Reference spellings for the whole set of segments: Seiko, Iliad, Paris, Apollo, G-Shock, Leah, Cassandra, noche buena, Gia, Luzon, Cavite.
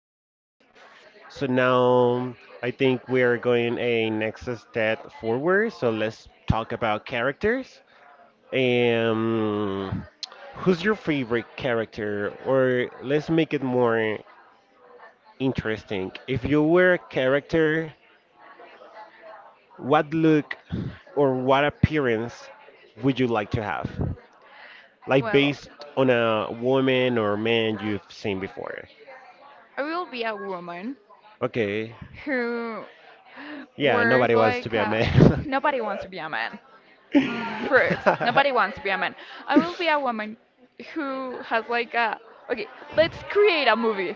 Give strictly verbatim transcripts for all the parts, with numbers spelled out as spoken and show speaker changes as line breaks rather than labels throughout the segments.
movies.
movies.
So now I think we are going a next step forward. So let's talk about characters. Um, Who's your favorite character? Or let's make it more interesting. If you were a character, what look or what appearance would you like to have? Like
Well,
based on a woman or man you've seen before.
I will be a woman
Okay.
who
Yeah,
wears
nobody wants to
like
be a
a,
man.
nobody wants to be a man. First, nobody wants to be a man. I will be a woman who has like a okay. Let's create a movie.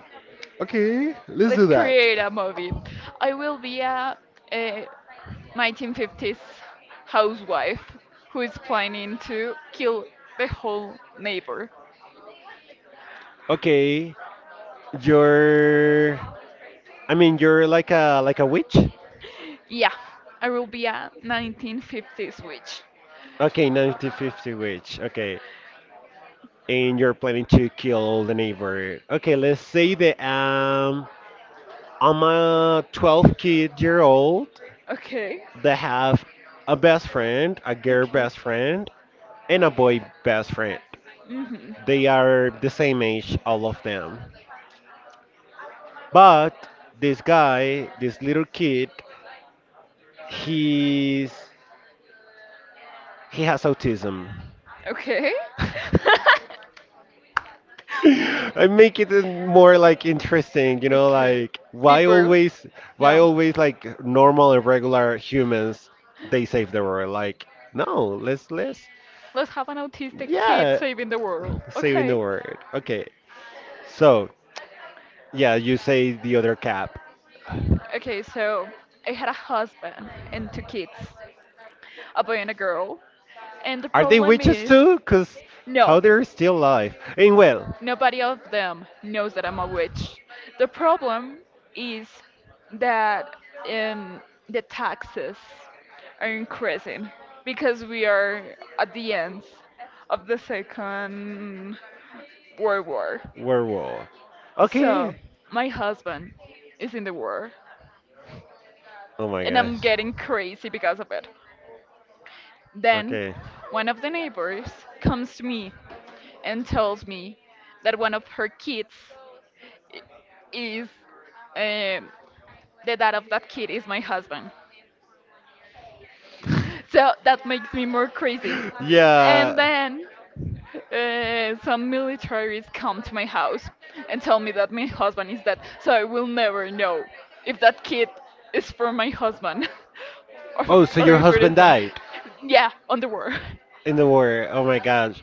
Okay, let's
Let's
do that.
create a movie. I will be a, a nineteen fifties housewife who is planning to kill the whole neighbor.
Okay, you're. I mean, you're like a like a witch.
Yeah, I will be a nineteen fifties witch.
Okay, nineteen fifty witch. Okay, and you're planning to kill all the neighbor. Okay, let's say that um I'm a twelve kid year old
Okay,
that have a best friend, a girl
okay.
best friend, and a boy best friend.
hmm
They are the same age, all of them. But this guy, this little kid, he's he has autism.
Okay.
I make it more like interesting, you know,
Okay.
like why
Deeper.
always why
Yeah.
always like normal and regular humans they save the world? Like no, let's let's
Let's have an autistic kid
yeah,
saving the world.
saving the
Okay.
world. Okay. So, yeah, you say the other cap.
Okay, so I had a husband and two kids. A boy and a girl. And the
Are they
problem
witches
is,
too? Cause
no,
how they're still alive? And well,
nobody of them knows that I'm a witch. The problem is that um, the taxes are increasing because we are at the end of the Second World War.
werewolf. Okay.
So, my husband is in the war,
Oh my
and I'm
gosh.
getting crazy because of it. Then,
Okay.
one of the neighbors comes to me and tells me that one of her kids i- is um, the dad of that kid is my husband. So that makes me more crazy. And
Yeah.
then uh, some militaries come to my house and tell me that my husband is dead. So I will never know if that kid is from my husband or,
Oh, so
or
your
if it
husband
isn't.
died
Yeah, on the war.
in the war. Oh my gosh.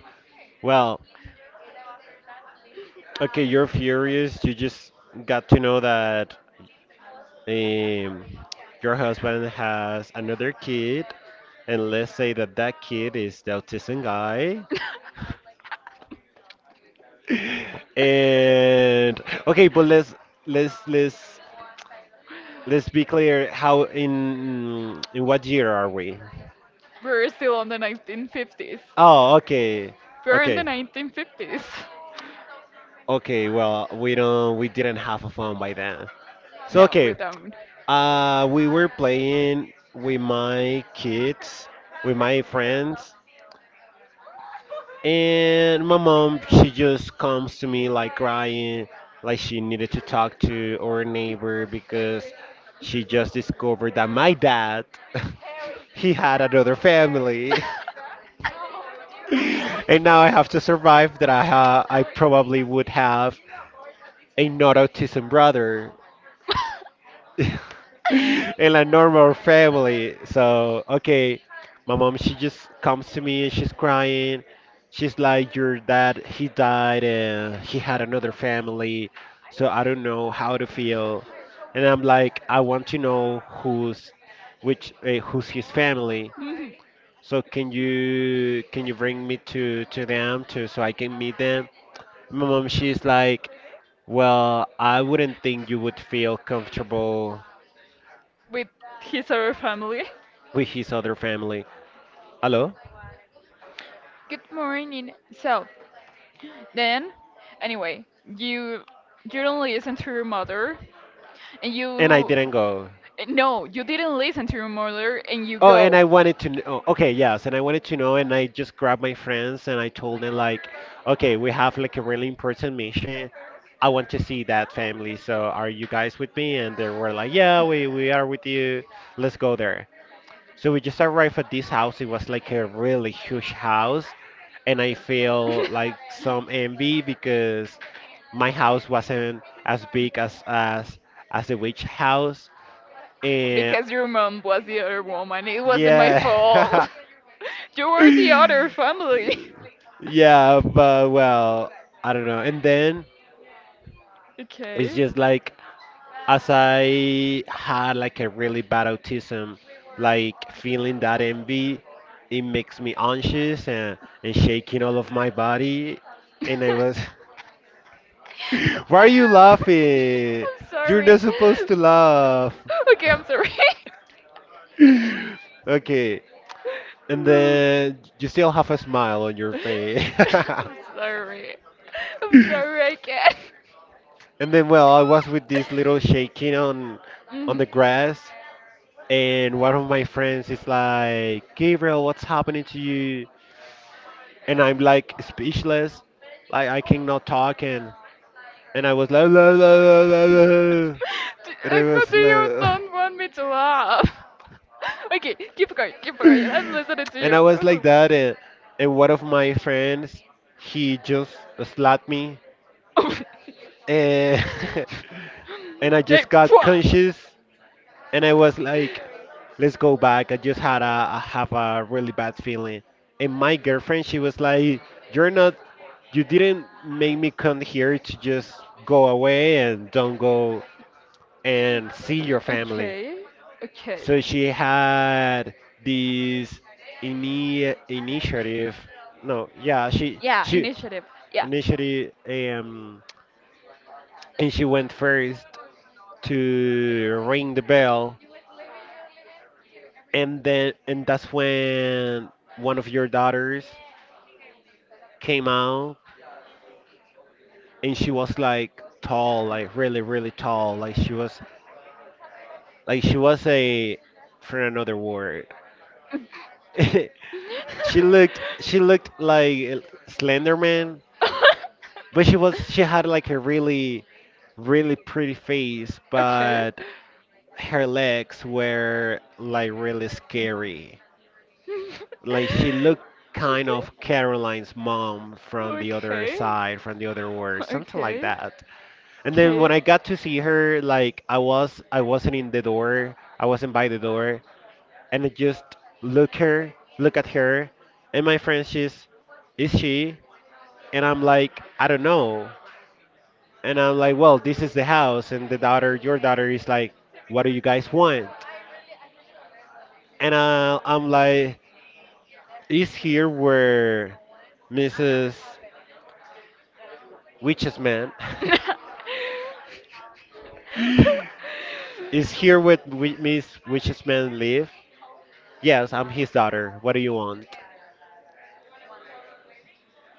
Well, okay, you're furious. You just got to know that um, your husband has another kid, and let's say that that kid is the autism guy, and okay, but let's let's let's let's be clear. How in in what year are we?
We're still on the nineteen fifties.
Oh, okay,
We're in the
okay,
nineteen fifties.
okay. Well, we don't we didn't have a phone by then. So
No, we
okay,
don't.
uh, we were playing with my kids, with my friends. And my mom, she just comes to me like crying, like she needed to talk to our neighbor because she just discovered that my dad, he had another family. And now I have to survive that I ha I probably would have a not autism brother. In a normal family. So okay, my mom she just comes to me and she's crying. She's like, "Your dad, he died and he had another family, so I don't know how to feel." And I'm like, "I want to know who's which uh, who's his family.
Mhm.
So can you can you bring me to to them to so I can meet them?" My mom she's like, "Well, I wouldn't think you would feel comfortable."
With his other family.
With his other family. Hello?
Good morning. So, then, anyway, you you don't listen to your mother, and
And I
you
didn't go.
no, you didn't listen to your mother and you
Oh, and
go.
I wanted to know. Okay, yes, and I wanted to know, and I just grabbed my friends and I told them like, okay, we have like a really important mission. I want to see that family, so are you guys with me? And they were like, yeah, we we are with you. Let's go there. So we just arrived at this house. It was like a really huge house, and I feel like some envy because my house wasn't as big as as as the witch house. And
Because your mom was the other woman. It wasn't my fault.
yeah.
You were the other family.
Yeah, but well, I don't know. And then it's
Okay.
just like as I had like a really bad autism, like feeling that envy, it makes me anxious and, and shaking all of my body.
I'm
And I was, why are you laughing? You're
sorry.
not supposed to laugh.
Okay, I'm sorry.
Okay. And
I'm
then you still have a smile on your face.
sorry. I'm sorry, I can't.
And then, well, I was with this little shaking on on
Mhm.
the grass, and one of my friends is like, "Gabriel, what's happening to you?" And I'm like speechless, like I cannot talk, and and I was like, la, la, la,
Do-
la, la. And I
uh,
was
do you
like,
don't want me to laugh? Okay, keep going, keep going. I'm listening to
and
you.
I was like that, and and one of my friends, he just slapped me. Eh, and I
Hey,
just got
pwah!
conscious and I was like, let's go back. I just had a, a have a really bad feeling. And my girlfriend, she was like, you're not, you didn't make me come here to just go away and don't go and see your family.
Okay, okay.
So she had this ini initiative. No, yeah, she
Yeah,
she
initiative. Yeah.
initiative um and she went first to ring the bell and then and that's when one of your daughters came out and she was like tall like really really tall like she was like she was a for another word she looked she looked like slenderman but she was she had like a really really pretty face
Okay.
but her legs were like really scary like she looked kind of Caroline's mom
Okay.
from the other side, from the other world,
Okay.
something like
Okay.
that. And then when I got to see her, like I was, I wasn't in the door, I wasn't by the door, and I just look her, look at her, and my friend, she's, is she? And I'm like, I don't know. And I'm like, well, this is the house, and the daughter, your daughter, is like, what do you guys want? And uh, I'm like, is here where missus Witches Man
Okay.
is here with wi- Miss Witches Man Liv. Yes, I'm his daughter. What do you want?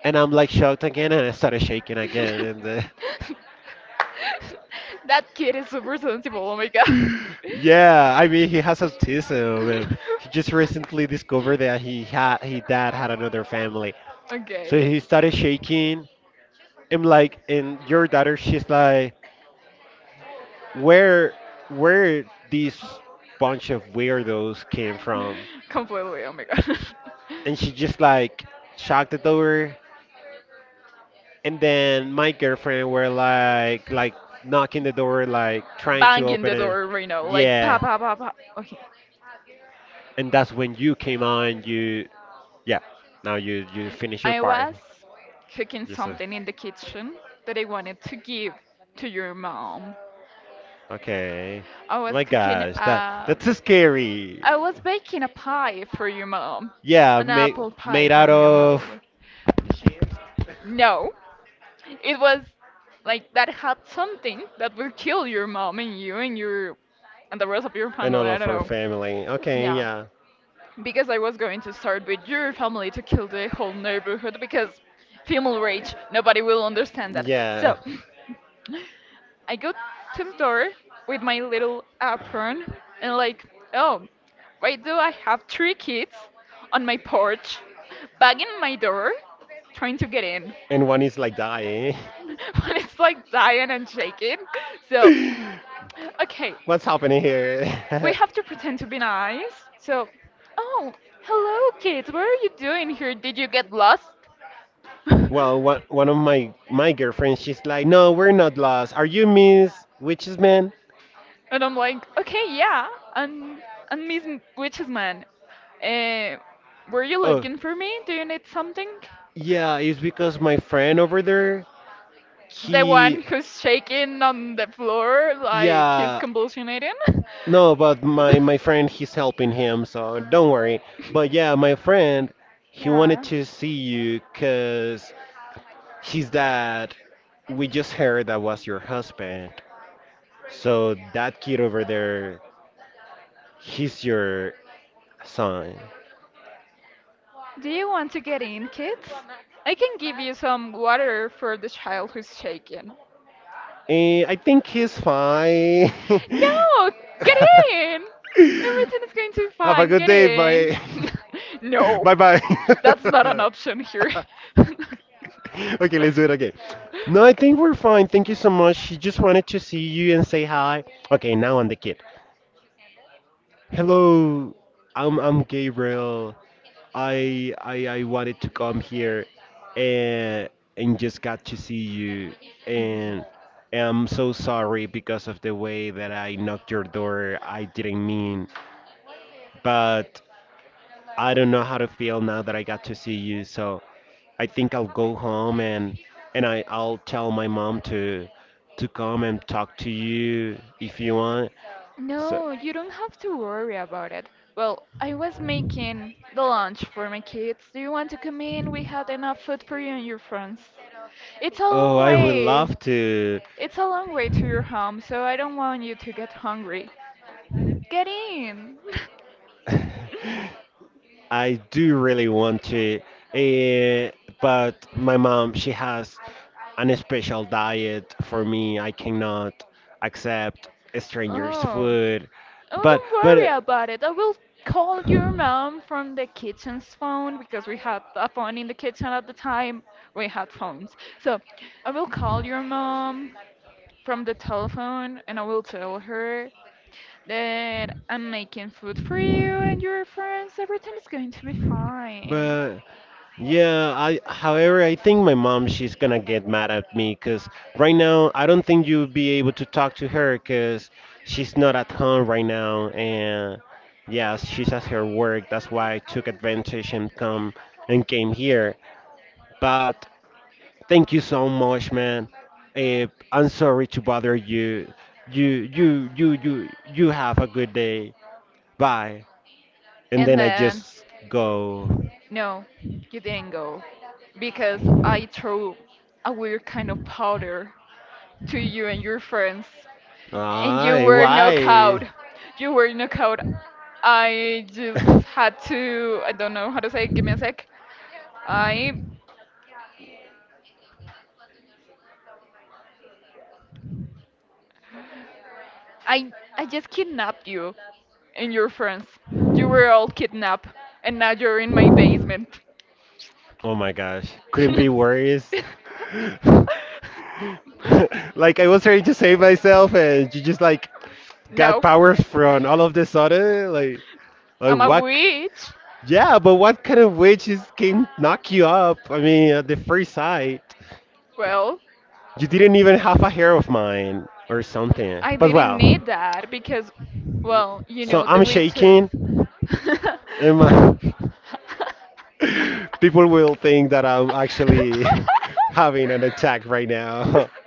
And I'm like shocked again, and I started shaking again. And uh,
That kid is super sensible. Oh my god.
yeah, I mean he has autism. And he just recently discovered that he had his dad had another family, so
Okay.
he started shaking. I'm like, and your daughter, she's like, where, where this bunch of weirdos came from?
Completely. Oh my god.
And she just like shocked it over and then my girlfriend were like like knocking the door like trying to
Banging
open
the
it
door right now, like pa
yeah
pa pa pa. Okay.
and that's when you came on you yeah now you you finish your
I
part
was cooking
yes sir.
something in the kitchen that I wanted to give to your mom.
Okay
I was
my
cooking
gosh that
a
that's so scary
I was baking a pie for your mom.
yeah
An
made
apple pie
made out
from your
of
mom. N-
cheese
No, it was like that had something that will kill your mom and you and your and the rest of your
and
family.
all
I
of
don't
her
know.
family okay
Yeah,
yeah
because I was going to start with your family to kill the whole neighborhood because female rage. Nobody will understand that.
yeah
So. I go to the door with my little apron and like, oh, why do I have three kids on my porch, banging my door, trying to get in
and one is like dying
when it's like dying and shaking? So, okay,
What's happening here?
we have to pretend to be nice. So, oh, hello kids, what are you doing here? Did you get lost?
Well, one one of my my girlfriends, she's like, "No, we're not lost. Are you Miss Witches Man?"
And I'm like, okay, yeah, and and Miss M- Witches Man, uh, were you
Oh,
looking for me? Do you need something?
yeah, it's because my friend over there,
The one
he,
who's shaking on the floor like he's
yeah,
convulsionating.
no, but my my friend, he's helping him, so don't worry. But yeah, my friend, he wanted
Yeah.
to see you 'cause he's that we just heard that was your husband. So that kid over there, he's your son.
Do you want to get in, kids? I can give you some water for the child who's shaking.
And I think he's fine.
No, get in. Everything is going to be
Have a
fine.
good
Get
day.
in.
Bye.
No,
Bye bye.
that's not an option here.
Okay, let's do it again. No, I think we're fine. Thank you so much. She just wanted to see you and say hi. Okay, now on the kid. Hello, I'm I'm Gabriel. I I I wanted to come here and and just got to see you and I'm so sorry because of the way that I knocked your door. I didn't mean, but I don't know how to feel now that I got to see you. So I think I'll go home and and I I'll tell my mom to to come and talk to you if you want. So
No, you don't have to worry about it. Well, I was making the lunch for my kids. Do you want to come in? We had enough food for you and your friends. It's a
oh,
long
I would
way.
love to.
It's a long way to your home, so I don't want you to get hungry. Get in.
I do really want to. eh, but my mom, she has an special diet for me. I cannot accept strangers'
Oh.
food.
Oh,
But
don't worry
but
about it. I will call your mom from the kitchen's phone because we had a phone in the kitchen at the time. We had phones. So I will call your mom from the telephone and I will tell her that I'm making food for you and your friends. Everything is going to be fine.
but yeah, I however I think my mom she's gonna get mad at me because right now I don't think you'll be able to talk to her because she's not at home right now and yeah she's at her work. That's why I took advantage and come and came here. But thank you so much, man. Eh, I'm sorry to bother you. You you you you you have a good day. Bye. And
And
then I
then,
just go.
no, you didn't go because I threw a weird kind of powder to you and your friends. And you
Aye,
were knocked
why?
out. You were knocked out. I just had to. I don't know how to say it. Give me a sec. I, I, I just kidnapped you, and your friends. You were all kidnapped, and now you're in my basement.
Oh my gosh, couldn't be worse. Like I was trying to save myself, and you just like got
No,
power from all of the sudden. Like, like
I'm a
what?
witch.
Yeah, but what kind of witches can knock you up? I mean, at the first sight.
Well,
You didn't even have a hair of mine or something.
I
But
didn't
well,
need that because, well, you
so
know, the
I'm
witches.
shaking. And my- people will think that I'm actually having an attack right now.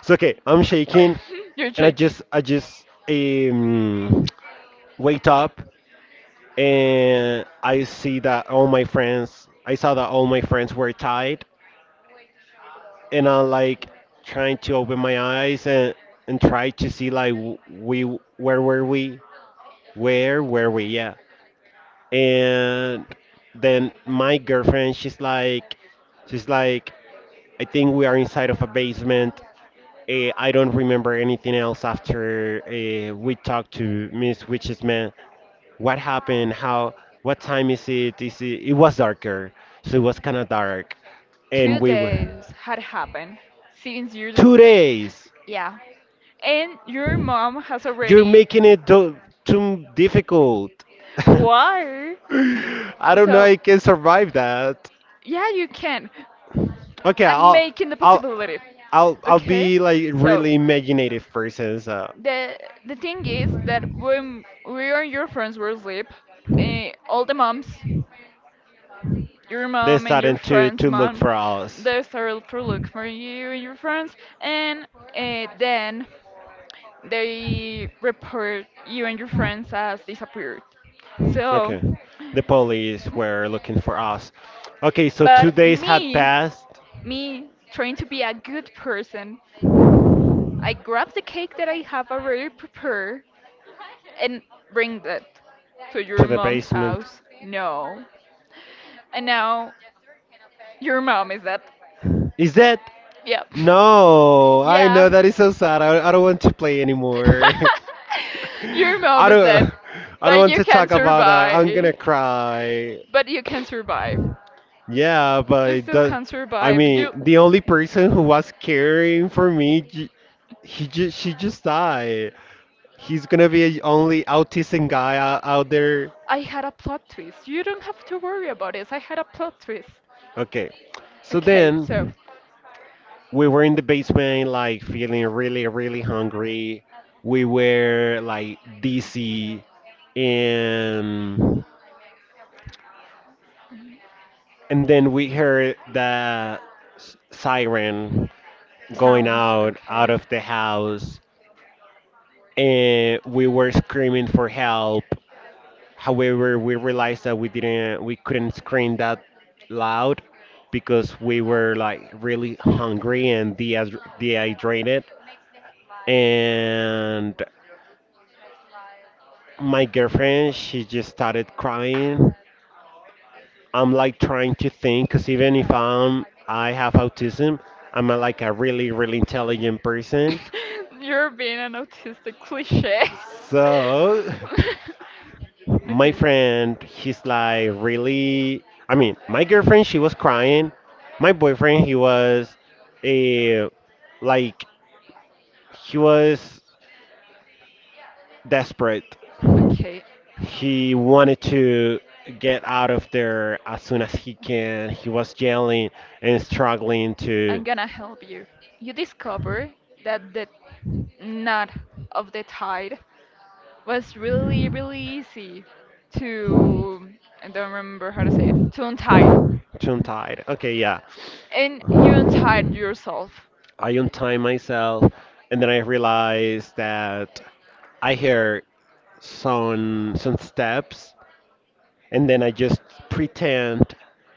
It's okay. I'm shaking,
You're
and I
joking.
just I just um, wake up and I see that all my friends I saw that all my friends were tied, and I'm like trying to open my eyes and and try to see like w- we where were we. Where were we? Yeah. And then my girlfriend, she's like, she's like, I think we are inside of a basement. Uh, I don't remember anything else after uh, we talked to Miss Witch's man. What happened? How? What time is it? Is it? It was darker, so it was kind of dark, and
Two
we were
days had happened since you.
two days.
Yeah. And your mom has
You're
already.
making it do- too difficult.
Why?
I don't know.
So,
I can survive that.
yeah, you can.
Okay,
And
I'll
making the
I'll
possibility.
I'll I'll
Okay?
be like
So,
really imaginative person. So
The the thing is that when we and your friends were asleep, eh, all the moms, your
they're
mom and your
starting to
friend's
to look
mom,
for us.
they started to look for you and your friends, and uh, then they report you and your friends as disappeared. So,
Okay, the police were looking for us. Okay, so two
but
days had
me,
passed
me trying to be a good person, I grab the cake that I have already prepared and bring that to
to
your
the
mom's
basement.
house. No. And now your mom is dead.
Is that?
Yep.
No, I
Yeah.
know that is so sad. I, I don't want to play anymore.
Your
I
mom is dead.
don't I don't
But
want
you
to
can
talk about that. I'm gonna
survive.
cry.
But you can survive.
Yeah, but
You
it
still
does.
can
I
survive.
mean,
You
the only person who was caring for me, j- he just she just died. He's gonna be the only autistic guy out, out there.
I had a plot twist. You don't have to worry about this. I had a plot twist.
Okay, so
Okay, so
then we were in the basement, like feeling really, really hungry. We were like dizzy, and and then we heard the s- siren going
sounds
out out
okay.
of the house, and we were screaming for help. However, we realized that we didn't, we couldn't scream that loud because we were like really hungry and dehydrated. dehydrated. And my girlfriend, she just started crying. I'm like trying to think, cause even if I'm, I have autism, I'm a, like a really, really intelligent person.
You're being an autistic cliche.
So my
Okay.
friend he's like really, I mean, my girlfriend she was crying, my boyfriend he was a like he was desperate.
Okay.
He wanted to get out of there as soon as he can. He was yelling and struggling to
I'm gonna help you. You discover that the knot of the tide was really, really easy to, I don't remember how to say it, to untie.
to untie it, okay, yeah.
And you untied yourself.
I untie myself, and then I realized that I hear some some steps. And then I just pretend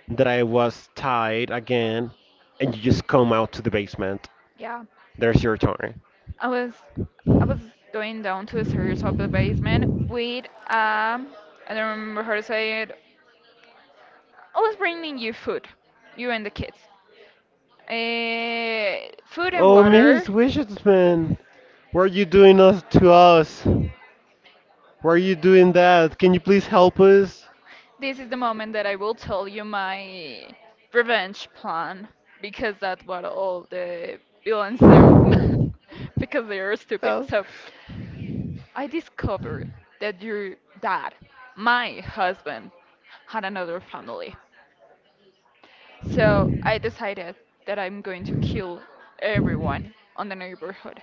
that I was tied again, and you just come out to the basement.
Yeah.
There's your turn.
I was I was going down to the serious of the basement with um I don't remember how to say it. I was bringing you food, you and the kids. Uh, food and
Oh, Miss
water.
Wishman, what are you doing us to us? Why are you doing that? Can you please help us?
This is the moment that I will tell you my revenge plan because that's what all the villains do because they are stupid.
No.
So I discovered that your dad, my husband, had another family. So I decided that I'm going to kill everyone on the neighborhood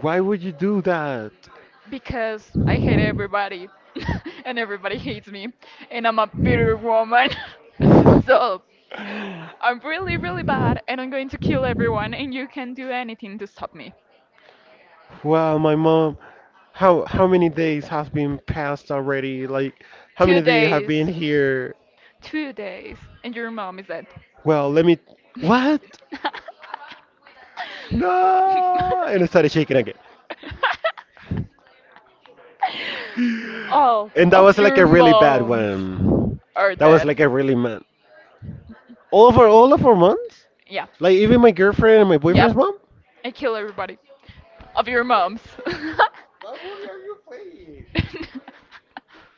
Why would you do that?
because I hate everybody and everybody hates me and I'm a bitter woman. So I'm really, really bad and I'm going to kill everyone and you can't do anything to stop me.
Well, my mom, how how many days has been passed already? Like, how
Two
many days have been
days.
here?
Two days. And your mom is dead.
Well, let me. What? No! And I started shaking again.
All
And that
of
was like
your
a really bad
moms
one.
are
That was
dead.
like a really man. All of our all of our months?
Yeah.
Like even my girlfriend and my
Yep.
boyfriend's mom?
I kill everybody. Of your moms.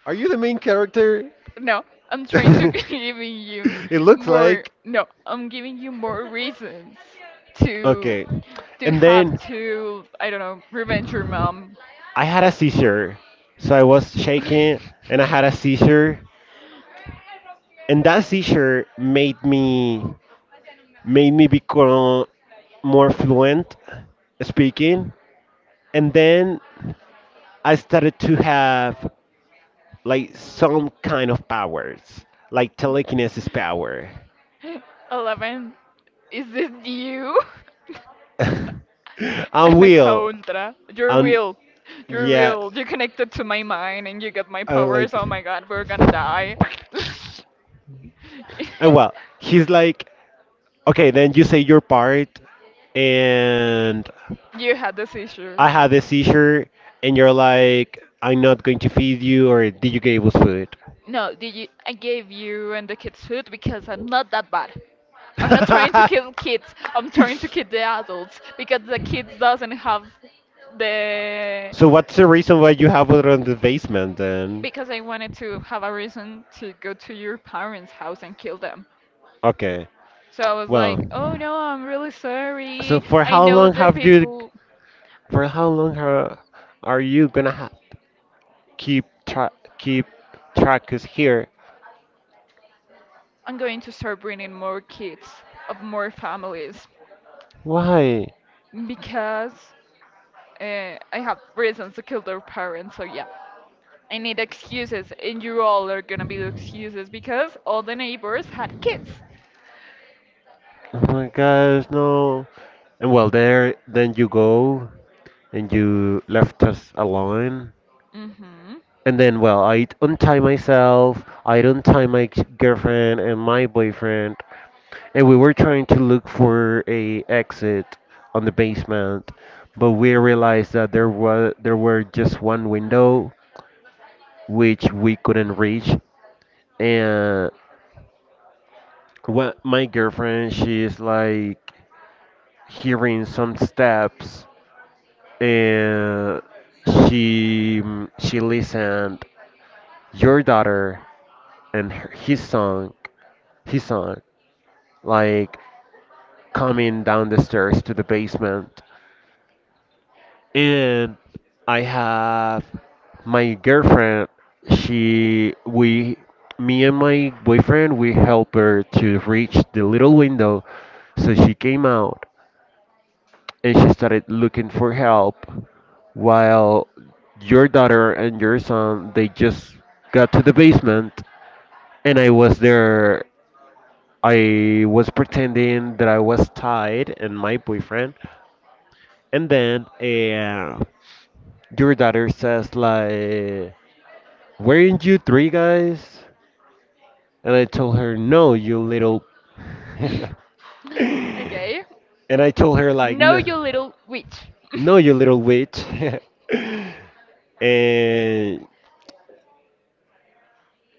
Are you the main character?
No, I'm trying to
It
giving you
looks
more.
like.
No, I'm giving you more reasons to
Okay.
to
And
have
then
to. I don't know. Revenge your mom.
I had a seizure. So I was shaking and I had a seizure, and that teacher made me made me become more fluent speaking, and then I started to have like some kind of powers, like telekinesis power.
Eleven. Is this you?
I'm
I'm a
Will.
contra. You're
I'm,
real. You're
yeah,
real. You connected to my mind and you got my
I'm
powers.
like,
Oh my god, we're gonna die.
and well, he's like, okay, then you say your part. And
You had this issue.
I had this seizure, and you're like, I'm not going to feed you, or did you give us food?
No, did you? I gave you and the kids food because I'm not that bad. I'm not trying to kill kids. I'm trying to kill the adults because the kids doesn't have the.
So what's the reason why you have it on the basement then?
Because I wanted to have a reason to go to your parents' house and kill them.
Okay.
So I was like,
Well,
oh no, I'm really
so
sorry.
for
I
how
know
long
the
have you
people.
for how long ha, are you gonna ha, keep tra keep track is here?
I'm going to start bringing more kids of more families
Why?
because uh, I have reasons to kill their parents. So yeah, I need excuses, and you all are gonna be the excuses because all the neighbors had kids.
Oh my gosh, no. And well, there, then you go and you left us alone.
Mm-hmm.
And then, well, I untie myself, I untie my g- girlfriend and my boyfriend, and we were trying to look for a exit on the basement, but we realized that there was there were just one window which we couldn't reach. And what, my girlfriend, she is like hearing some steps, and she she listened your daughter and her, his song, his song like coming down the stairs to the basement. And I have my girlfriend, she we me and my boyfriend we help her to reach the little window, so she came out and she started looking for help, while your daughter and your son they just got to the basement, and I was there. I was pretending that I was tied, and my boyfriend. And then uh, your daughter says like, weren't you three guys? And I told her, no, you little and
Okay.
I told her like,
No,
"N-
you little witch.
No, you little witch." And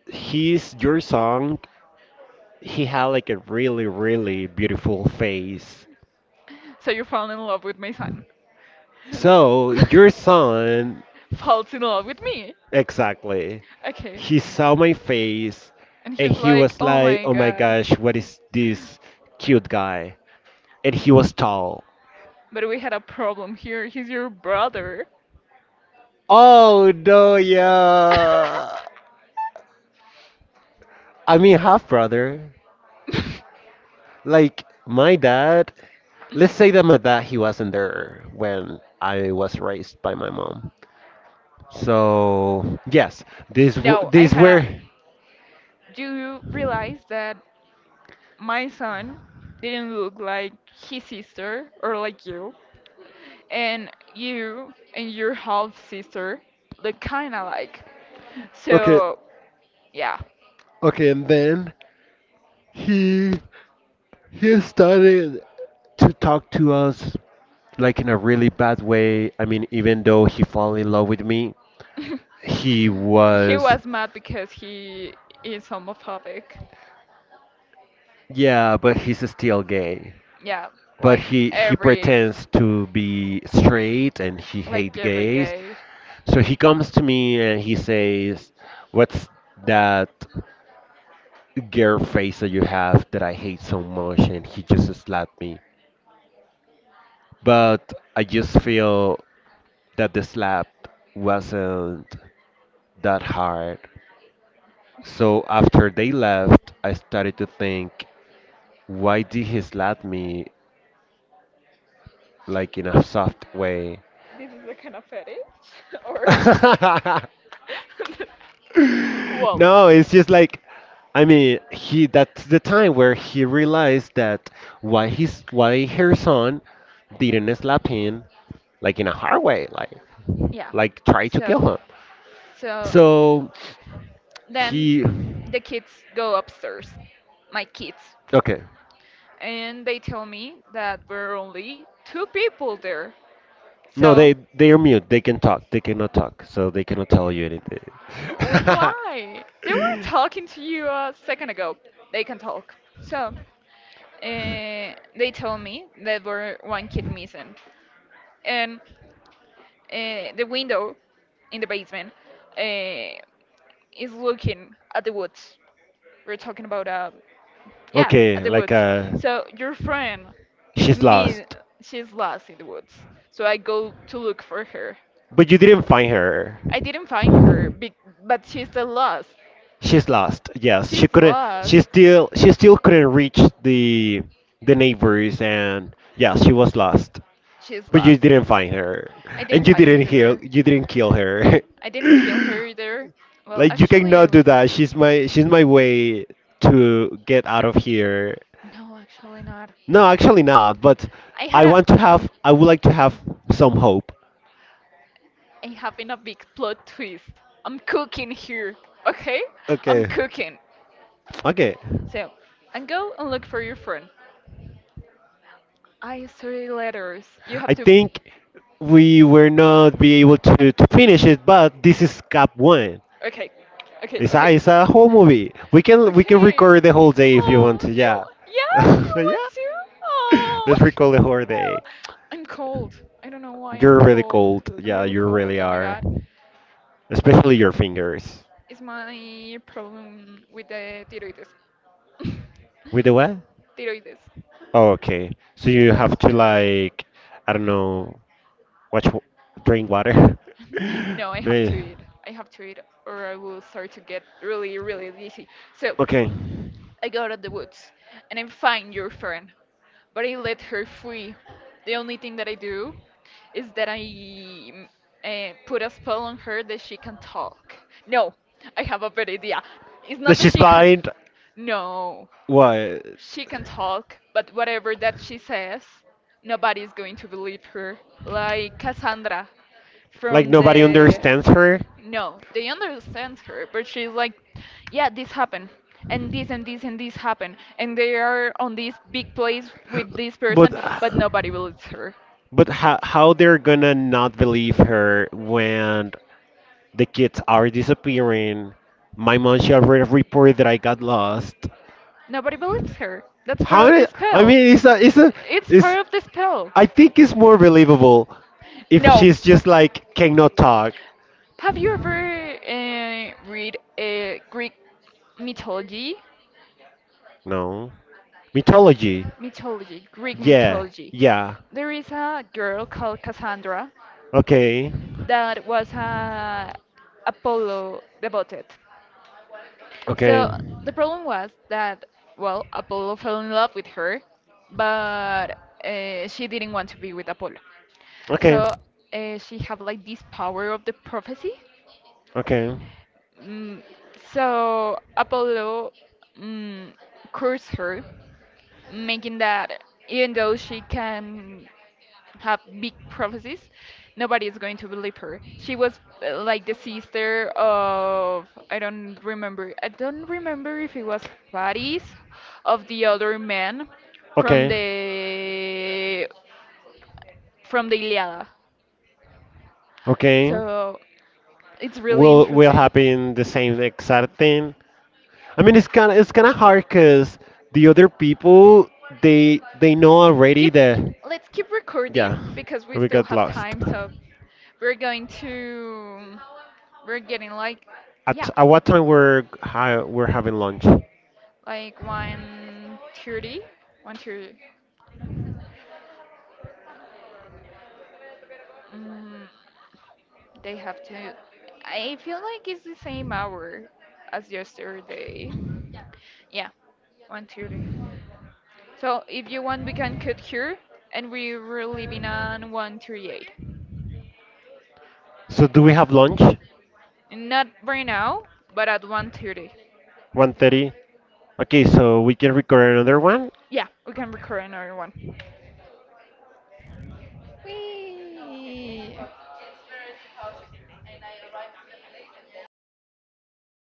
he's your song. He had like a really, really beautiful face.
So you fell in love with my son.
So your son,
Falls in love with me.
exactly.
Okay.
He saw my face,
And
and
he's
he
like,
was
oh
like,
my
oh my
god.
gosh, what is this cute guy? And he was tall.
But we had a problem here. He's your brother.
Oh no, yeah. I mean, half brother. Like my dad, let's say that my dad he wasn't there when I was raised by my mom. So yes, these w-
No, I
these
had a.
were
Do you realize that my son didn't look like his sister or like you? And you and your half sister look kinda like.
okay,
So, yeah.
okay, and then he he started to talk to us like in a really bad way. I mean, even though he fell in love with me, he
He
was
was mad because he is homophobic.
yeah, but he's still gay.
Yeah,
But
like
he he
every.
pretends to be straight and he
Like
hate
every
gays.
gay.
So he comes to me and he says, "What's that girl face that you have that I hate so much?" And he just slapped me. But I just feel that the slap wasn't that hard. So after they left, I started to think, why did he slap me like in a soft way?
This is a kind of fetish, or well,
No, it's just like, I mean, he that's the time where he realized that why his why her son didn't slap him like in a hard way, like
yeah.
like try to
So,
kill him.
so
So
then
he
the kids go upstairs, my kids,
okay.
and they tell me that we're only two people there.
No,
So,
they they are mute. They can talk. They cannot talk, so they cannot tell you anything.
why? They were talking to you a second ago. They can talk. So, uh, they told me that were one kid missing, and uh, the window in the basement uh, is looking at the woods. We're talking about uh, yeah, at
Okay,
the
like
woods.
uh,
So your friend is
she's
me.
lost.
She's lost in the woods. So I go to look for her.
But you didn't find her.
I didn't find her, be- but she's still lost.
She's lost. Yes, she
She's
couldn't.
lost.
She still. She still couldn't reach the the neighbors, and yeah, she was lost.
She's
But you
lost.
didn't find her,
I didn't
and you
find
didn't heal.
her.
You didn't kill her.
I didn't kill her either. Well,
Like you
actually, I
cannot do
was.
that. She's my. She's my way to get out of here.
No, actually not.
No, actually not. But
I had
I
a
want to have. I would like to have some hope.
I having a big plot twist. I'm cooking here, okay? I'm
Okay.
cooking.
Okay.
So, and go and look for your friend. I three letters. You have
I
to.
think we were not be able to, to finish it, but this is Cap One.
Okay, okay,
It's a
okay,
it's a whole movie. We can we can
okay.
record the whole day if you want
Oh,
to.
you?
Yeah.
Yeah, you
Yeah.
want to? Oh,
Let's record
no.
the whole day.
I'm cold. I don't know why I'm
You're really
cold.
cold.
I'm
Yeah,
really
you
cold.
really
Oh my
are.
god.
Especially your fingers.
It's my problem with the thyroides.
With the what?
Thyroides.
Oh, okay. So you have to
Really.
like, I don't know, Watch, w- drink water.
No, I have to
May.
eat. I have to eat, or I will start to get really, really dizzy. So
Okay.
I go to the woods, and I find your friend, but I let her free. The only thing that I do is that I mm, eh, put a spell on her that she can talk. No, I have a better idea. It's
That
not that
she's
she can.
blind.
No,
What?
she can talk, but whatever that she says, nobody's going to believe her. Like Cassandra
Like
from
nobody
the.
understands her.
No, they understand her, but she's like, yeah, this happened, and this and this and this happened, and they are on this big place with this
But
person, but nobody believes her.
but how how they're gonna not believe her when the kids are disappearing? My mom she already reported that I got lost.
Nobody believes her. That's part
How
of the
did- I
spell.
mean it's a it's a
It's
it's
part of the spell.
I think it's more believable if
No.
she's just like cannot talk.
Have you ever uh, read uh, Greek mythology?
No. Mythology.
Mythology, Greek
Yeah.
mythology.
Yeah.
There is a girl called Cassandra
Okay.
that was a Apollo devoted.
Okay.
So the problem was that, well, Apollo fell in love with her, but uh, she didn't want to be with Apollo.
Okay.
So uh, she had like this power of the prophecy.
Okay.
Mm, so Apollo mm, cursed her, making that even though she can have big prophecies, nobody is going to believe her. She was uh, like the sister of I don't remember. I don't remember if it was Paris of the other man from
Okay.
the from the Iliada.
Okay.
So it's really
Will will
interesting.
happen the same exact thing. I mean, it's kind of it's kind of hard because the other people they they know already
Keep
that
let's keep recording
yeah
because we
we
still
got
have
lost.
time. So we're going to we're getting like,
At,
yeah,
at what time we're ha we're having lunch?
like one thirty 130, mm, they have to. I feel like it's the same hour as yesterday. Yeah, one thirty. So if you want, we can cut here, and we were leaving on one thirty-eight.
So do we have lunch?
Not right now, but at one thirty.
One thirty. Okay, so we can record another one
Yeah, we can record another one. Whee!